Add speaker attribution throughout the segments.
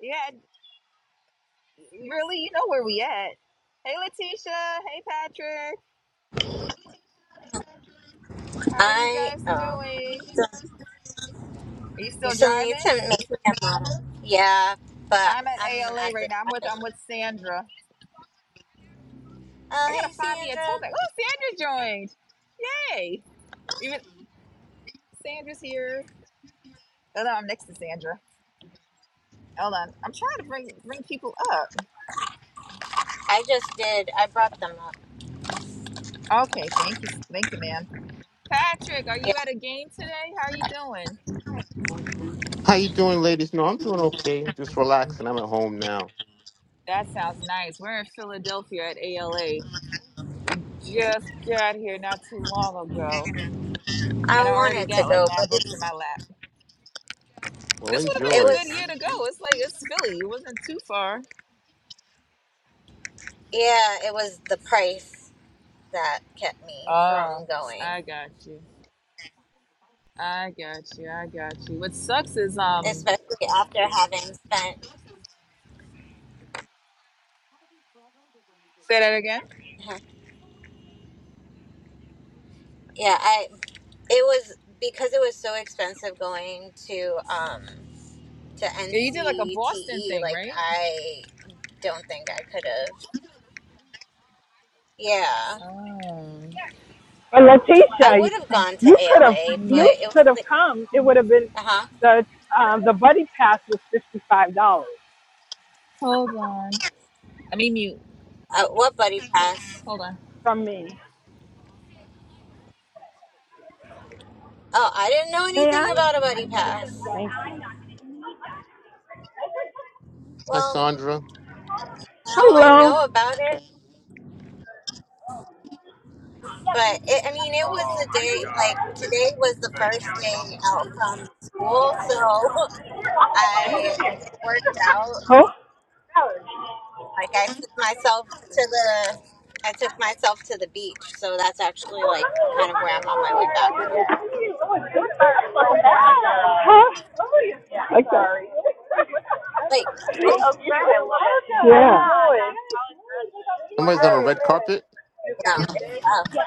Speaker 1: Yeah, really, you know where we at. Hey, Letitia. Hey, Patrick. How are you
Speaker 2: I
Speaker 1: guys
Speaker 2: oh,
Speaker 1: doing? Are you
Speaker 2: you
Speaker 1: still
Speaker 2: still
Speaker 1: driving?
Speaker 2: need to make me a model. Yeah, but
Speaker 1: I'm at
Speaker 2: I'm
Speaker 1: ALA
Speaker 2: at
Speaker 1: right
Speaker 2: the
Speaker 1: now. I'm with I'm with
Speaker 2: traffic.
Speaker 1: Sandra. I
Speaker 2: Oh, hey
Speaker 1: gotta find me a tote
Speaker 2: Sandra.
Speaker 1: bag. Oh, Sandra joined. Yay! Even Sandra's here. Oh no, I'm next to Sandra. Hold on. I'm trying to bring bring people
Speaker 2: I just did. I brought them up.
Speaker 1: up. Okay, thank you, thank you, ma'am. Patrick, are you
Speaker 2: Yeah,
Speaker 1: at a game today? How are you doing?
Speaker 3: How you doing, ladies? No, I'm doing okay. I'm just relaxing. I'm at home now.
Speaker 1: That sounds nice. We're in Philadelphia at ALA. We just got here not too long ago,
Speaker 2: I
Speaker 1: and I already
Speaker 2: wanted to
Speaker 1: got like
Speaker 2: go,
Speaker 1: nine
Speaker 2: but it,
Speaker 1: books in my lap.
Speaker 3: Well,
Speaker 1: This would have
Speaker 2: it
Speaker 1: been the
Speaker 3: enjoy.
Speaker 1: good
Speaker 2: was
Speaker 1: year to go. It's like it's Philly. It wasn't too far.
Speaker 2: yeah, it was the price that kept me from
Speaker 1: Oh,
Speaker 2: going,
Speaker 1: I got you. I got you. I got you. What sucks is um,
Speaker 2: especially after having spent.
Speaker 1: say that again.
Speaker 2: huh, Yeah, I it was because it was so expensive going to um to
Speaker 1: Yeah, you did like a Boston
Speaker 2: NCTE.
Speaker 1: thing,
Speaker 2: Like
Speaker 1: right?
Speaker 2: I don't think I could have. Yeah,
Speaker 1: Oh,
Speaker 4: But
Speaker 2: I
Speaker 4: Letitia,
Speaker 2: would have
Speaker 1: okay.
Speaker 2: gone to
Speaker 4: you could have
Speaker 2: ALA, but
Speaker 4: you
Speaker 2: it was
Speaker 4: could have
Speaker 2: like,
Speaker 4: come. It would have been
Speaker 2: uh-huh.
Speaker 4: the uh, the buddy pass was fifty five dollars
Speaker 1: Hold on. I mean mute.
Speaker 2: uh What buddy pass?
Speaker 1: Hold on.
Speaker 4: from me.
Speaker 2: Oh, I didn't know
Speaker 4: May
Speaker 2: anything
Speaker 4: I?
Speaker 2: about a buddy pass.
Speaker 4: Thank you.
Speaker 3: Hi,
Speaker 2: Well,
Speaker 3: Sandra.
Speaker 2: now I
Speaker 4: Hello.
Speaker 2: know about it, but it, I mean, it was the day. Like today was the first day out from school, so I it worked out.
Speaker 4: Who?
Speaker 2: Like I took myself to the, I took myself to the beach. So that's actually like kind of where I'm on my way back from.
Speaker 4: Huh? I'm sorry.
Speaker 2: Like,
Speaker 4: Yeah.
Speaker 3: Somebody's on a red carpet?
Speaker 2: you know, it's, uh,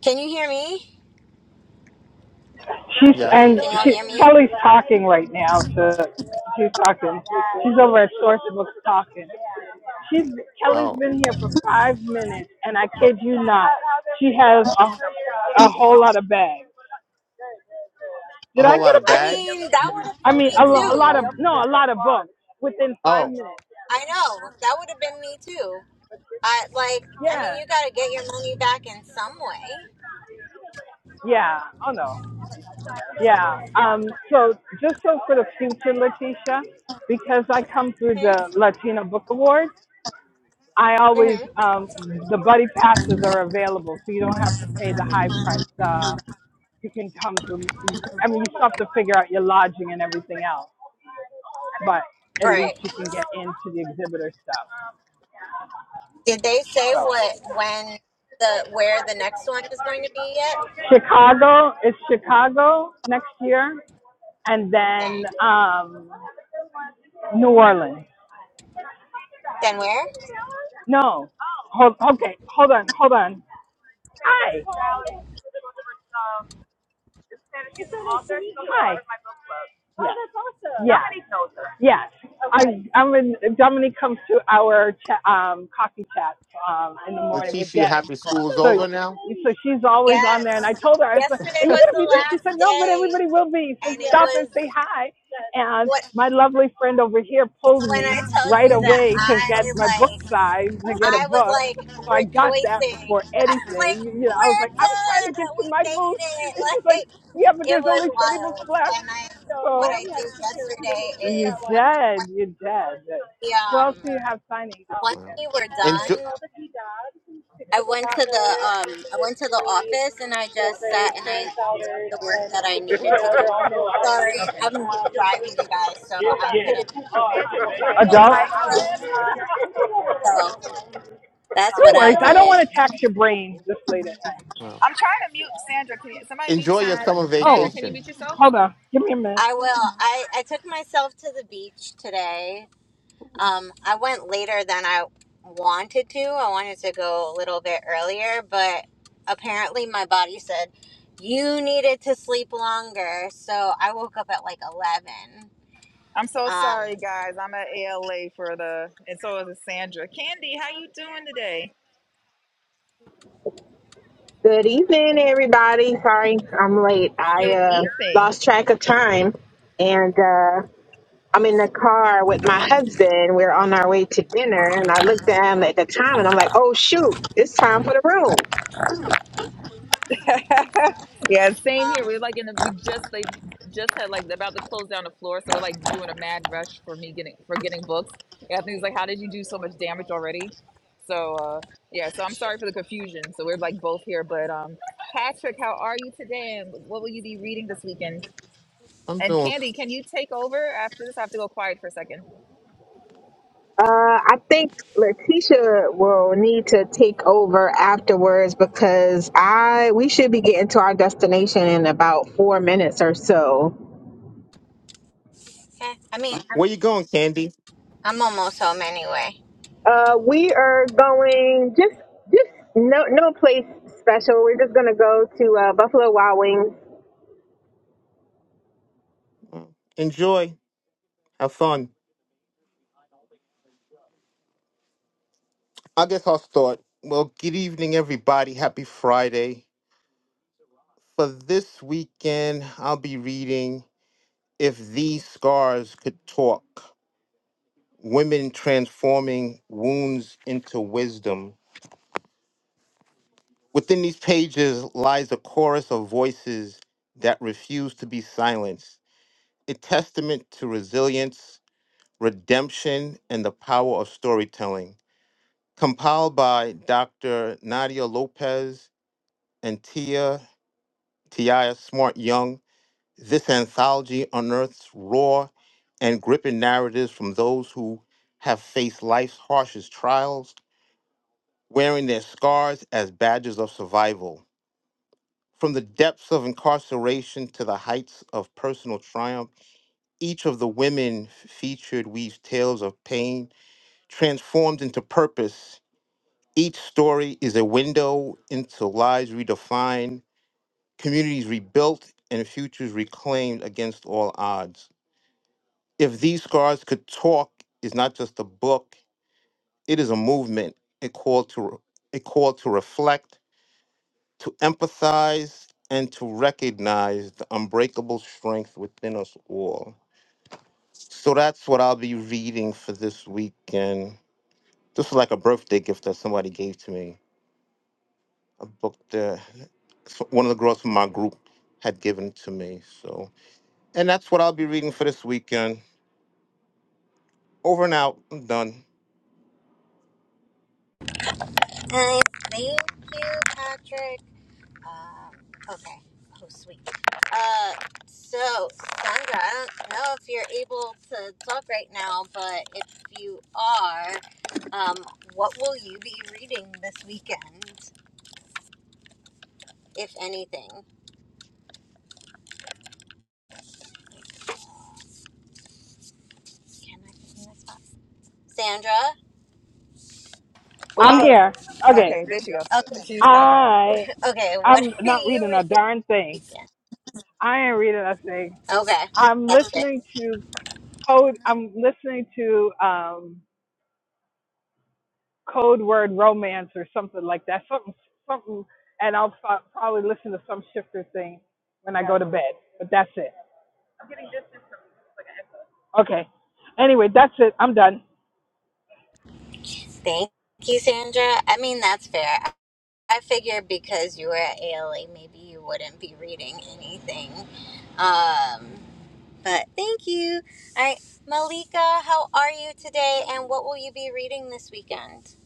Speaker 2: can you hear me?
Speaker 4: She's and
Speaker 3: Yes.
Speaker 2: Can y'all
Speaker 4: she
Speaker 2: hear me?
Speaker 4: Kelly's talking right now to she's talking. She's over at Source Books talking. She's Kelly's
Speaker 3: Oh,
Speaker 4: been here for five minutes and I kid you not, she has a, a whole lot of bags. Did
Speaker 3: a
Speaker 4: I
Speaker 3: whole
Speaker 4: get
Speaker 3: lot
Speaker 4: a
Speaker 3: of
Speaker 2: I
Speaker 4: picture?
Speaker 3: bags?
Speaker 2: mean, that would have
Speaker 4: I
Speaker 2: been
Speaker 4: mean,
Speaker 2: me
Speaker 4: a, lo- a lot of
Speaker 2: too.
Speaker 4: no, a lot of books within five
Speaker 3: Oh,
Speaker 4: minutes.
Speaker 2: I know that would have been me too. I like. I mean,
Speaker 4: Yeah,
Speaker 2: you got to get your money back in some way.
Speaker 4: yeah. Oh no, yeah. Um, so just so for the future, Leticia, because I come through
Speaker 2: Hmm?
Speaker 4: the Latino Book Award, I always
Speaker 2: hmm
Speaker 4: um, the buddy passes are available, so you don't have to pay the high price. The you can come through. I mean, you still have to figure out your lodging and everything else, but at least
Speaker 2: Right.
Speaker 4: you can get into the exhibitor stuff.
Speaker 2: Did they say
Speaker 4: So.
Speaker 2: what when the where the next one is going to be yet?
Speaker 4: Chicago is Chicago next year, and then
Speaker 2: Dang.
Speaker 4: um, New Orleans.
Speaker 2: Then where?
Speaker 4: No, hold, okay, hold on, hold on. Hi. and she's an author. She's also Hi. of my book club. Yeah. that's awesome. Yeah. Somebody knows her. Yes. Okay. I, I'm in, Dominique comes to our cha- um, coffee chat um, in the morning with
Speaker 3: Leticia,
Speaker 4: Deb. Oh,
Speaker 3: happy school is
Speaker 4: that's So, so
Speaker 3: over now?
Speaker 4: great. So she's always on
Speaker 2: Yes.
Speaker 4: there. And I told her, I was like,
Speaker 2: Yesterday
Speaker 4: Are you
Speaker 2: was
Speaker 4: going to be
Speaker 2: the
Speaker 4: there? She
Speaker 2: last
Speaker 4: said, No, but
Speaker 2: day,
Speaker 4: everybody will be. So
Speaker 2: and
Speaker 4: yes.
Speaker 2: it
Speaker 4: stop and
Speaker 2: was
Speaker 4: say hi. Yes. And
Speaker 2: what
Speaker 4: my lovely friend over here pulled
Speaker 2: when
Speaker 4: me
Speaker 2: I tell
Speaker 4: right
Speaker 2: you that
Speaker 4: away to get my
Speaker 2: I
Speaker 4: book
Speaker 2: like.
Speaker 4: size, to get a
Speaker 2: I was
Speaker 4: book.
Speaker 2: like
Speaker 4: So I got that
Speaker 2: rejoicing.
Speaker 4: before
Speaker 2: I was like,
Speaker 4: anything. You know, I was like,
Speaker 2: we're
Speaker 4: I'm trying to
Speaker 2: done.
Speaker 4: get to
Speaker 2: We
Speaker 4: my
Speaker 2: made
Speaker 4: booth.
Speaker 2: it.
Speaker 4: And she's like,
Speaker 2: Like,
Speaker 4: yeah, but
Speaker 2: it
Speaker 4: there's
Speaker 2: was
Speaker 4: only 20 books
Speaker 2: wild.
Speaker 4: left.
Speaker 2: And I,
Speaker 4: So,
Speaker 2: what
Speaker 4: so yeah,
Speaker 2: I
Speaker 4: we had
Speaker 2: did
Speaker 4: to take care of them.
Speaker 2: yesterday
Speaker 4: You
Speaker 2: is when
Speaker 4: did. You did.
Speaker 2: we,
Speaker 4: Who else
Speaker 2: um,
Speaker 4: do you have signing this
Speaker 2: once
Speaker 4: weekend?
Speaker 3: Wow.
Speaker 2: we were
Speaker 3: Enjoy.
Speaker 2: done,
Speaker 4: All the key dogs,
Speaker 2: I
Speaker 4: Picture Book
Speaker 2: went to
Speaker 4: Author,
Speaker 2: the, um,
Speaker 4: Lucy
Speaker 2: I
Speaker 4: is
Speaker 2: went to the
Speaker 4: free,
Speaker 2: office and I
Speaker 4: middle
Speaker 2: just
Speaker 4: grade,
Speaker 2: sat and I,
Speaker 4: Karen Souders,
Speaker 2: the work
Speaker 4: and
Speaker 2: that I
Speaker 4: Victor Book
Speaker 2: needed to
Speaker 4: are
Speaker 2: do.
Speaker 4: all middle grade.
Speaker 2: Sorry, I'm driving you guys, so
Speaker 4: Okay. Um, oh, God,
Speaker 2: I couldn't. look
Speaker 4: Adult?
Speaker 2: over there. So that's
Speaker 4: No
Speaker 2: what I
Speaker 4: worries. I don't want
Speaker 2: did.
Speaker 4: to tax your brain this late at night.
Speaker 3: Wow.
Speaker 1: I'm trying to mute Sandra. Can you, somebody mute
Speaker 3: Enjoy your
Speaker 1: Sandra?
Speaker 3: summer
Speaker 1: Sandra,
Speaker 4: Oh,
Speaker 1: can you
Speaker 3: vacation.
Speaker 1: mute yourself?
Speaker 4: hold on. Give me a minute.
Speaker 2: I will. I, I took myself to the beach today Um, I went later than I wanted to. I wanted to go a little bit earlier, but apparently my body said you needed to sleep longer. So I woke up at like 11.
Speaker 1: I'm so
Speaker 2: Um,
Speaker 1: sorry, guys. I'm at ALA for the, and so is Sandra. Candy, how you doing today?
Speaker 5: Good evening, everybody. Sorry, I'm late. I
Speaker 1: Good
Speaker 5: uh,
Speaker 1: evening.
Speaker 5: lost track of time, and uh, I'm in the car with my husband. We're on our way to dinner, and I looked down at the time, and I'm like, "Oh shoot, it's time for the room."
Speaker 1: yeah, same
Speaker 2: oh,
Speaker 1: here. We're like in, the, we just like just had like about to close down the floor, so we're like doing a mad rush for me getting for getting books. Yeah, Anthony's like, how did you do so much damage already? So uh, yeah, so I'm sorry for the confusion. So we're like both here, but um, Patrick, how are you today? And what will you be reading this weekend?
Speaker 3: I'm
Speaker 1: And
Speaker 3: doing
Speaker 1: Candy, can you take over after this? I have to go quiet for a second.
Speaker 5: Uh, I think Letitia will need to take over afterwards because I we should be getting to our destination in about four minutes or so.
Speaker 2: okay. I mean, I'm,
Speaker 3: Where you going, Candy?
Speaker 2: I'm almost home anyway.
Speaker 5: Uh, we are going just just no no place special. We're just gonna go to uh, Buffalo Wild Wings
Speaker 3: Mm. Enjoy. Have fun. I guess I'll start. Well, good evening, everybody. Happy Friday. For this weekend, I'll be reading If These Scars Could Talk Women Transforming Wounds into Wisdom. Within these pages lies a chorus of voices that refuse to be silenced, a testament to resilience, redemption, and the power of storytelling. compiled by Dr. Nadia Lopez and Tia Tia Smart Young. This anthology unearths raw and gripping narratives from those who have faced life's harshest trials, wearing their scars as badges of survival. From the depths of incarceration to the heights of personal triumph, each of the women f- featured weaves tales of pain transformed into purpose Each story is a window into lives redefined, communities rebuilt, and futures reclaimed against all odds. If These Scars Could Talk is not just a book, it is a movement, a call to, re- a call to reflect, to empathize, and to recognize the unbreakable strength within us all. So that's what I'll be reading for this weekend. This is like a birthday gift that somebody gave to me. a book that so- one of the girls from my group had given to me. So, and that's what I'll be reading for this weekend. Over and out. I'm done.
Speaker 2: Nice. Thank you, Patrick. Um, okay. Oh, sweet. Uh, so, Sandra, I don't know if you're able to talk right now, but if you are, um, what will you be reading this weekend, if anything? Can I put you in this box? Sandra?
Speaker 1: Well,
Speaker 4: I'm
Speaker 1: oh,
Speaker 4: here. Okay.
Speaker 1: okay. There she goes.
Speaker 2: Okay.
Speaker 1: She's packing up.
Speaker 4: I
Speaker 2: Okay, what
Speaker 4: I'm
Speaker 2: are
Speaker 4: not
Speaker 2: you
Speaker 4: reading a
Speaker 2: reading
Speaker 4: darn
Speaker 2: this
Speaker 4: thing.
Speaker 2: weekend?
Speaker 4: I ain't reading a thing.
Speaker 2: Okay.
Speaker 4: I'm
Speaker 2: That's it.
Speaker 4: listening to code I'm listening to um code word romance or something like that. Something something and I'll pro- probably listen to some shifter thing when I go to bed. But that's it. Okay. Anyway, that's it. I'm done.
Speaker 2: Thank you, Sandra. I mean, that's fair. I I figured because you were at ALA, maybe you wouldn't be reading anything. Um, But thank you. All right, Malika, how are you today and what will you be reading this weekend?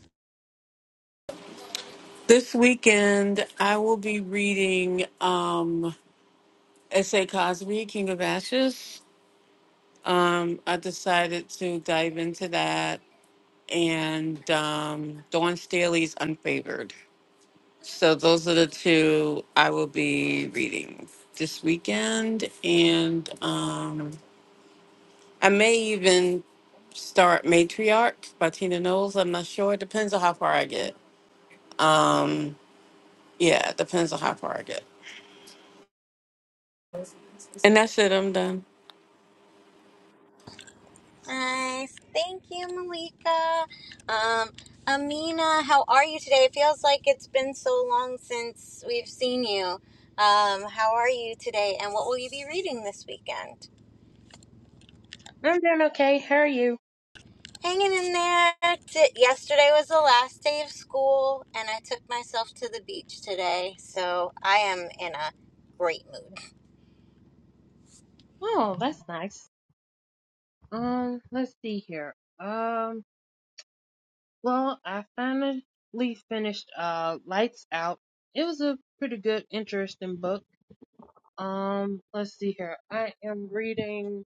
Speaker 6: This weekend, I will be reading um, S.A. Cosby, King of Ashes. Um, I decided to dive into that and um, Dawn Staley's Unfavored. So, those are the two I will be reading this weekend. And um, I may even start Matriarch by Tina Knowles. I'm not sure. It depends on how far I get. Um, yeah, it depends on how far I get. And that's it. I'm done.
Speaker 2: Nice. Thank you, Malika. Um, Amina, how are you today? It feels like it's been so long since we've seen you. Um, how are you today and what will you be reading this weekend?
Speaker 7: I'm doing okay. How are you?
Speaker 2: Hanging in there. T- Yesterday was the last day of school and I took myself to the beach today, so I am in a great mood.
Speaker 7: Oh, that's nice. Um, let's see here. Um, well, I finally finished uh Lights Out. It was a pretty good, interesting book. Um, let's see here. I am reading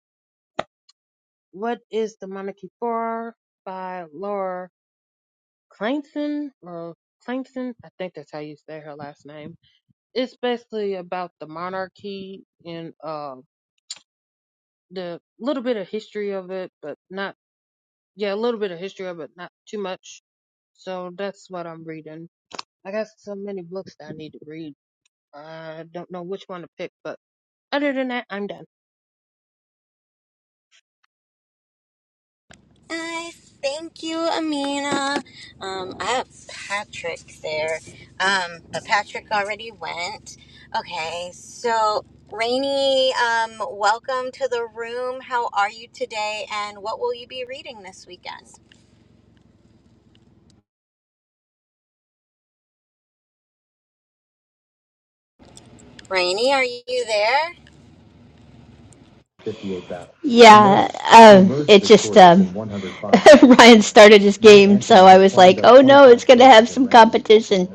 Speaker 7: What is the Monarchy For by Laura Clayton or Clayton. I think that's how you say her last name. It's basically about the monarchy and uh the little bit of history of it, but not Yeah, a little bit of history of it, not too much. So that's what I'm reading. I got so many books that I need to read. I don't know which one to pick, but other than that, I'm done.
Speaker 2: I thank you, Amina. Um, I have Patrick there, um, but Patrick already went. Okay, so Rainey, um, welcome to the room. How are you today, and what will you be reading this weekend? Rainey, are you there?
Speaker 8: Yeah, um, it just um, Ryan started his game, so I was like, oh no, it's going to have some competition.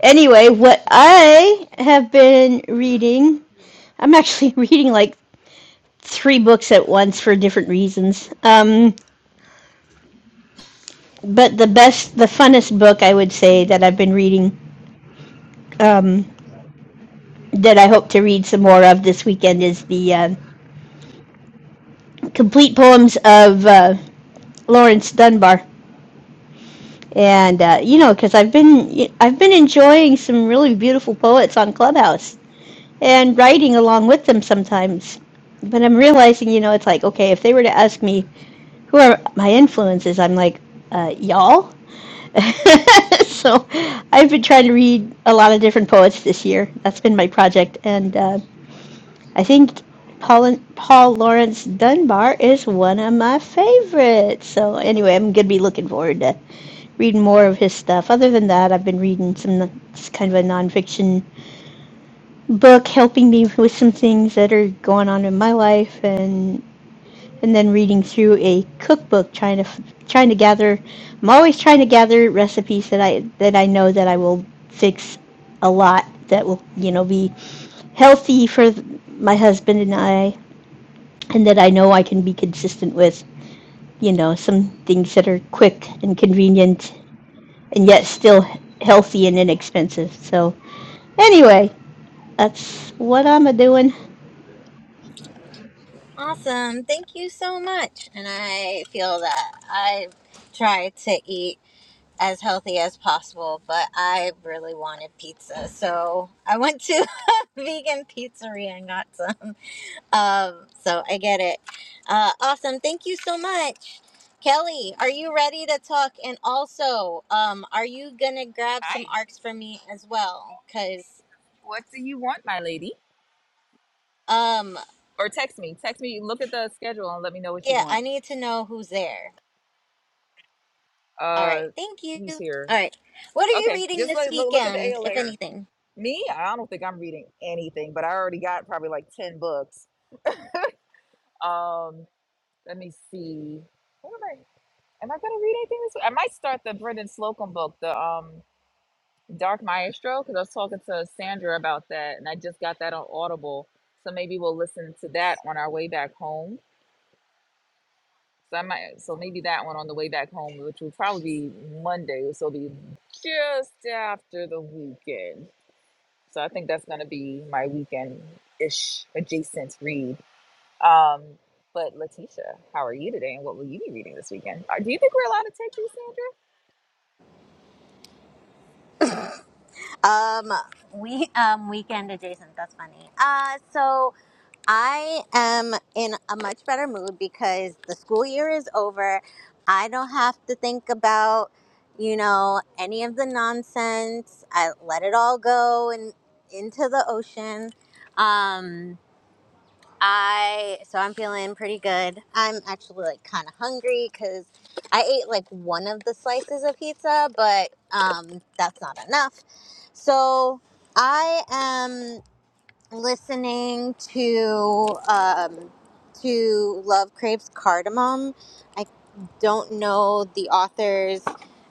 Speaker 8: Anyway, what I have been reading, I'm actually reading like three books at once for different reasons. Um, but the best, the funnest book I would say that I've been reading um, that I hope to read some more of this weekend is the uh, complete poems of uh, Lawrence Dunbar. and uh, you know because i've been i've been enjoying some really beautiful poets on clubhouse and writing along with them sometimes but i'm realizing you know it's like okay if they were to ask me who are my influences i'm like uh, y'all so i've been trying to read a lot of different poets this year that's been my project and uh, i think Paul, Paul Laurence Dunbar is one of my favorites. So anyway, I'm gonna be looking forward to read more of his stuff. Other than that, I've been reading some kind of a nonfiction book, helping me with some things that are going on in my life, and and then reading through a cookbook, trying to trying to gather. I'm always trying to gather recipes that I that I know that I will fix a lot that will you know be healthy for my husband and I, and that I know I can be consistent with. You know, some things that are quick and convenient and yet still healthy and inexpensive. So anyway, that's what I'm a doing.
Speaker 2: Awesome. Thank you so much. And I feel that I try to eat. as healthy as possible, but I really wanted pizza. So I went to a vegan pizzeria and got some. Um, so I get it. Uh, awesome. Thank you so much. Kelly, are you ready to talk? And also, um, are you going to grab some
Speaker 1: Hi.
Speaker 2: arcs for me as well? Because,
Speaker 1: What do you want, my lady?
Speaker 2: um,
Speaker 1: Or text me. Text me. Look at the schedule and let me know what you
Speaker 2: yeah, I
Speaker 1: want.
Speaker 2: need to know who's there. All right.
Speaker 1: Uh,
Speaker 2: Thank you.
Speaker 1: who's
Speaker 2: All
Speaker 1: here?
Speaker 2: right. What are you
Speaker 1: Okay.
Speaker 2: reading
Speaker 1: Just
Speaker 2: this
Speaker 1: like look, look at the
Speaker 2: weekend, if
Speaker 1: ALA.
Speaker 2: anything?
Speaker 1: Me, I don't think I'm reading anything, but I already got probably like ten books. Um, let me see. What am I? Am I gonna read anything this week? I might start the Brendan Slocum book. The um. Dark Maestro, because I was talking to Sandra about that, and I just got that on Audible. So maybe we'll listen to that on our way back home. So I might, so maybe that one on the way back home, which will probably be Monday. So it'll be just after the weekend. So I think that's gonna be my weekend ish adjacent read. Um, but Letitia, how are you today, and what will you be reading this weekend? Uh, Do you think we're allowed to take these, Sandra?
Speaker 2: Um, we um weekend adjacent. That's funny. Uh, so I am in a much better mood because the school year is over. I don't have to think about you know any of the nonsense. I let it all go and into the ocean. Um, I so I'm feeling pretty good. I'm actually like kind of hungry because I ate like one of the slices of pizza, but um, that's not enough. So I am listening to um, to Love Craves Cardamom. I don't know the authors.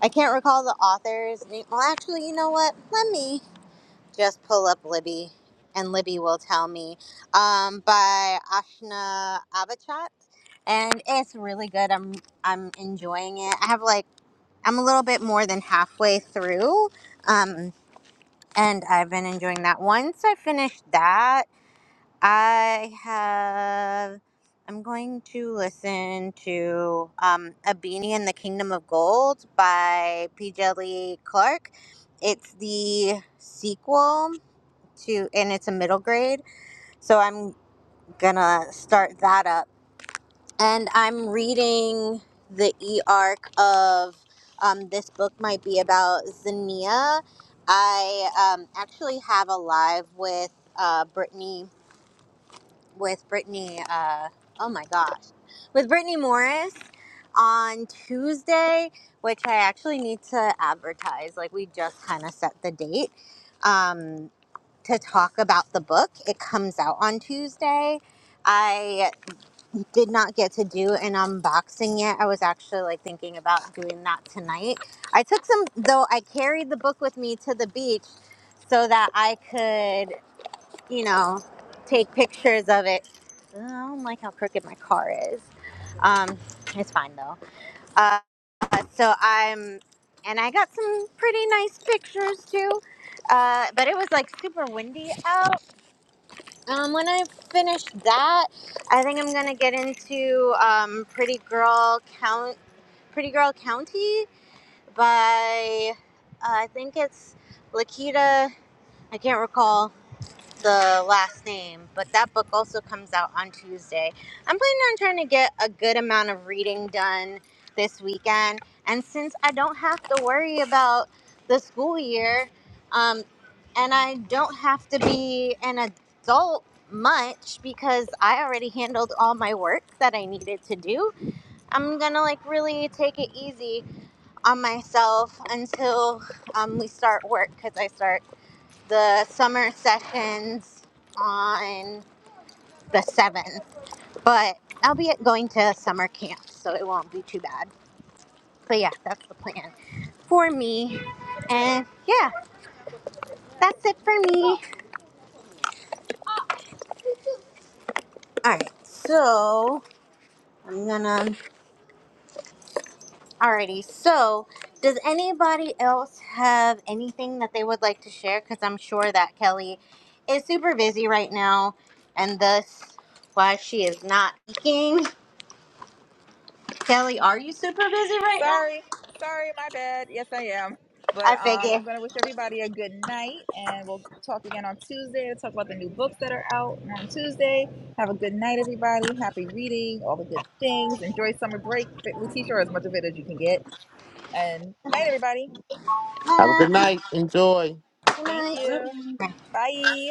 Speaker 2: I can't recall the authors. name. Well, actually, you know what? Let me just pull up Libby, and Libby will tell me. Um, by Ashna Abachat, and it's really good. I'm I'm enjoying it. I have like I'm a little bit more than halfway through. Um, and I've been enjoying that. Once I finish that, I have I'm going to listen to um, A Beanie in the Kingdom of Gold by P. Lee Clark. It's the sequel to, and it's a middle grade. So I'm gonna start that up and I'm reading the e arc of um, this book might be about Zania. I um, actually have a live with uh, Brittany with Brittany. Uh, oh my gosh, with Brittany Morris on Tuesday, which I actually need to advertise. Like we just kind of set the date um, to talk about the book. It comes out on Tuesday. I did not get to do an unboxing yet. I was actually like thinking about doing that tonight. I took some though I carried the book with me to the beach so that I could, you know, take pictures of it. Ugh, I don't like how crooked my car is. Um it's fine though. Uh so I'm and I got some pretty nice pictures too. Uh, but it was like super windy out um, when I finish that, I think I'm gonna get into um, Pretty Girl Count, Pretty Girl County by uh, I think it's Lakita. I can't recall the last name, but that book also comes out on Tuesday. I'm planning on trying to get a good amount of reading done this weekend, and since I don't have to worry about the school year, um, and I don't have to be an adult much because I already handled all my work that I needed to do, I'm gonna like really take it easy on myself until um, we start work because I start the summer sessions on the 7th, but I'll be going to summer camp, so it won't be too bad. But yeah, that's the plan for me. And yeah, that's it for me. All right, so I'm gonna. Alrighty, so does anybody else have anything that they would like to share? Because I'm sure that Kelly is super busy right now, and thus why she is not speaking. Kelly, are you super busy right now?
Speaker 1: Sorry, sorry, my bad. Yes, I am. But
Speaker 2: I
Speaker 1: um,
Speaker 2: figure.
Speaker 1: I'm gonna wish everybody a good night, and we'll talk again on Tuesday to talk about the new books that are out on Tuesday. Have a good night, everybody. Happy reading, all the good things. Enjoy summer break, Letitia, or as much of it as you can get. And night, everybody.
Speaker 3: Have a good
Speaker 2: Bye.
Speaker 3: night. Enjoy.
Speaker 2: Good
Speaker 1: Thank
Speaker 7: Bye
Speaker 2: night.
Speaker 1: you.
Speaker 7: bye.
Speaker 1: Bye.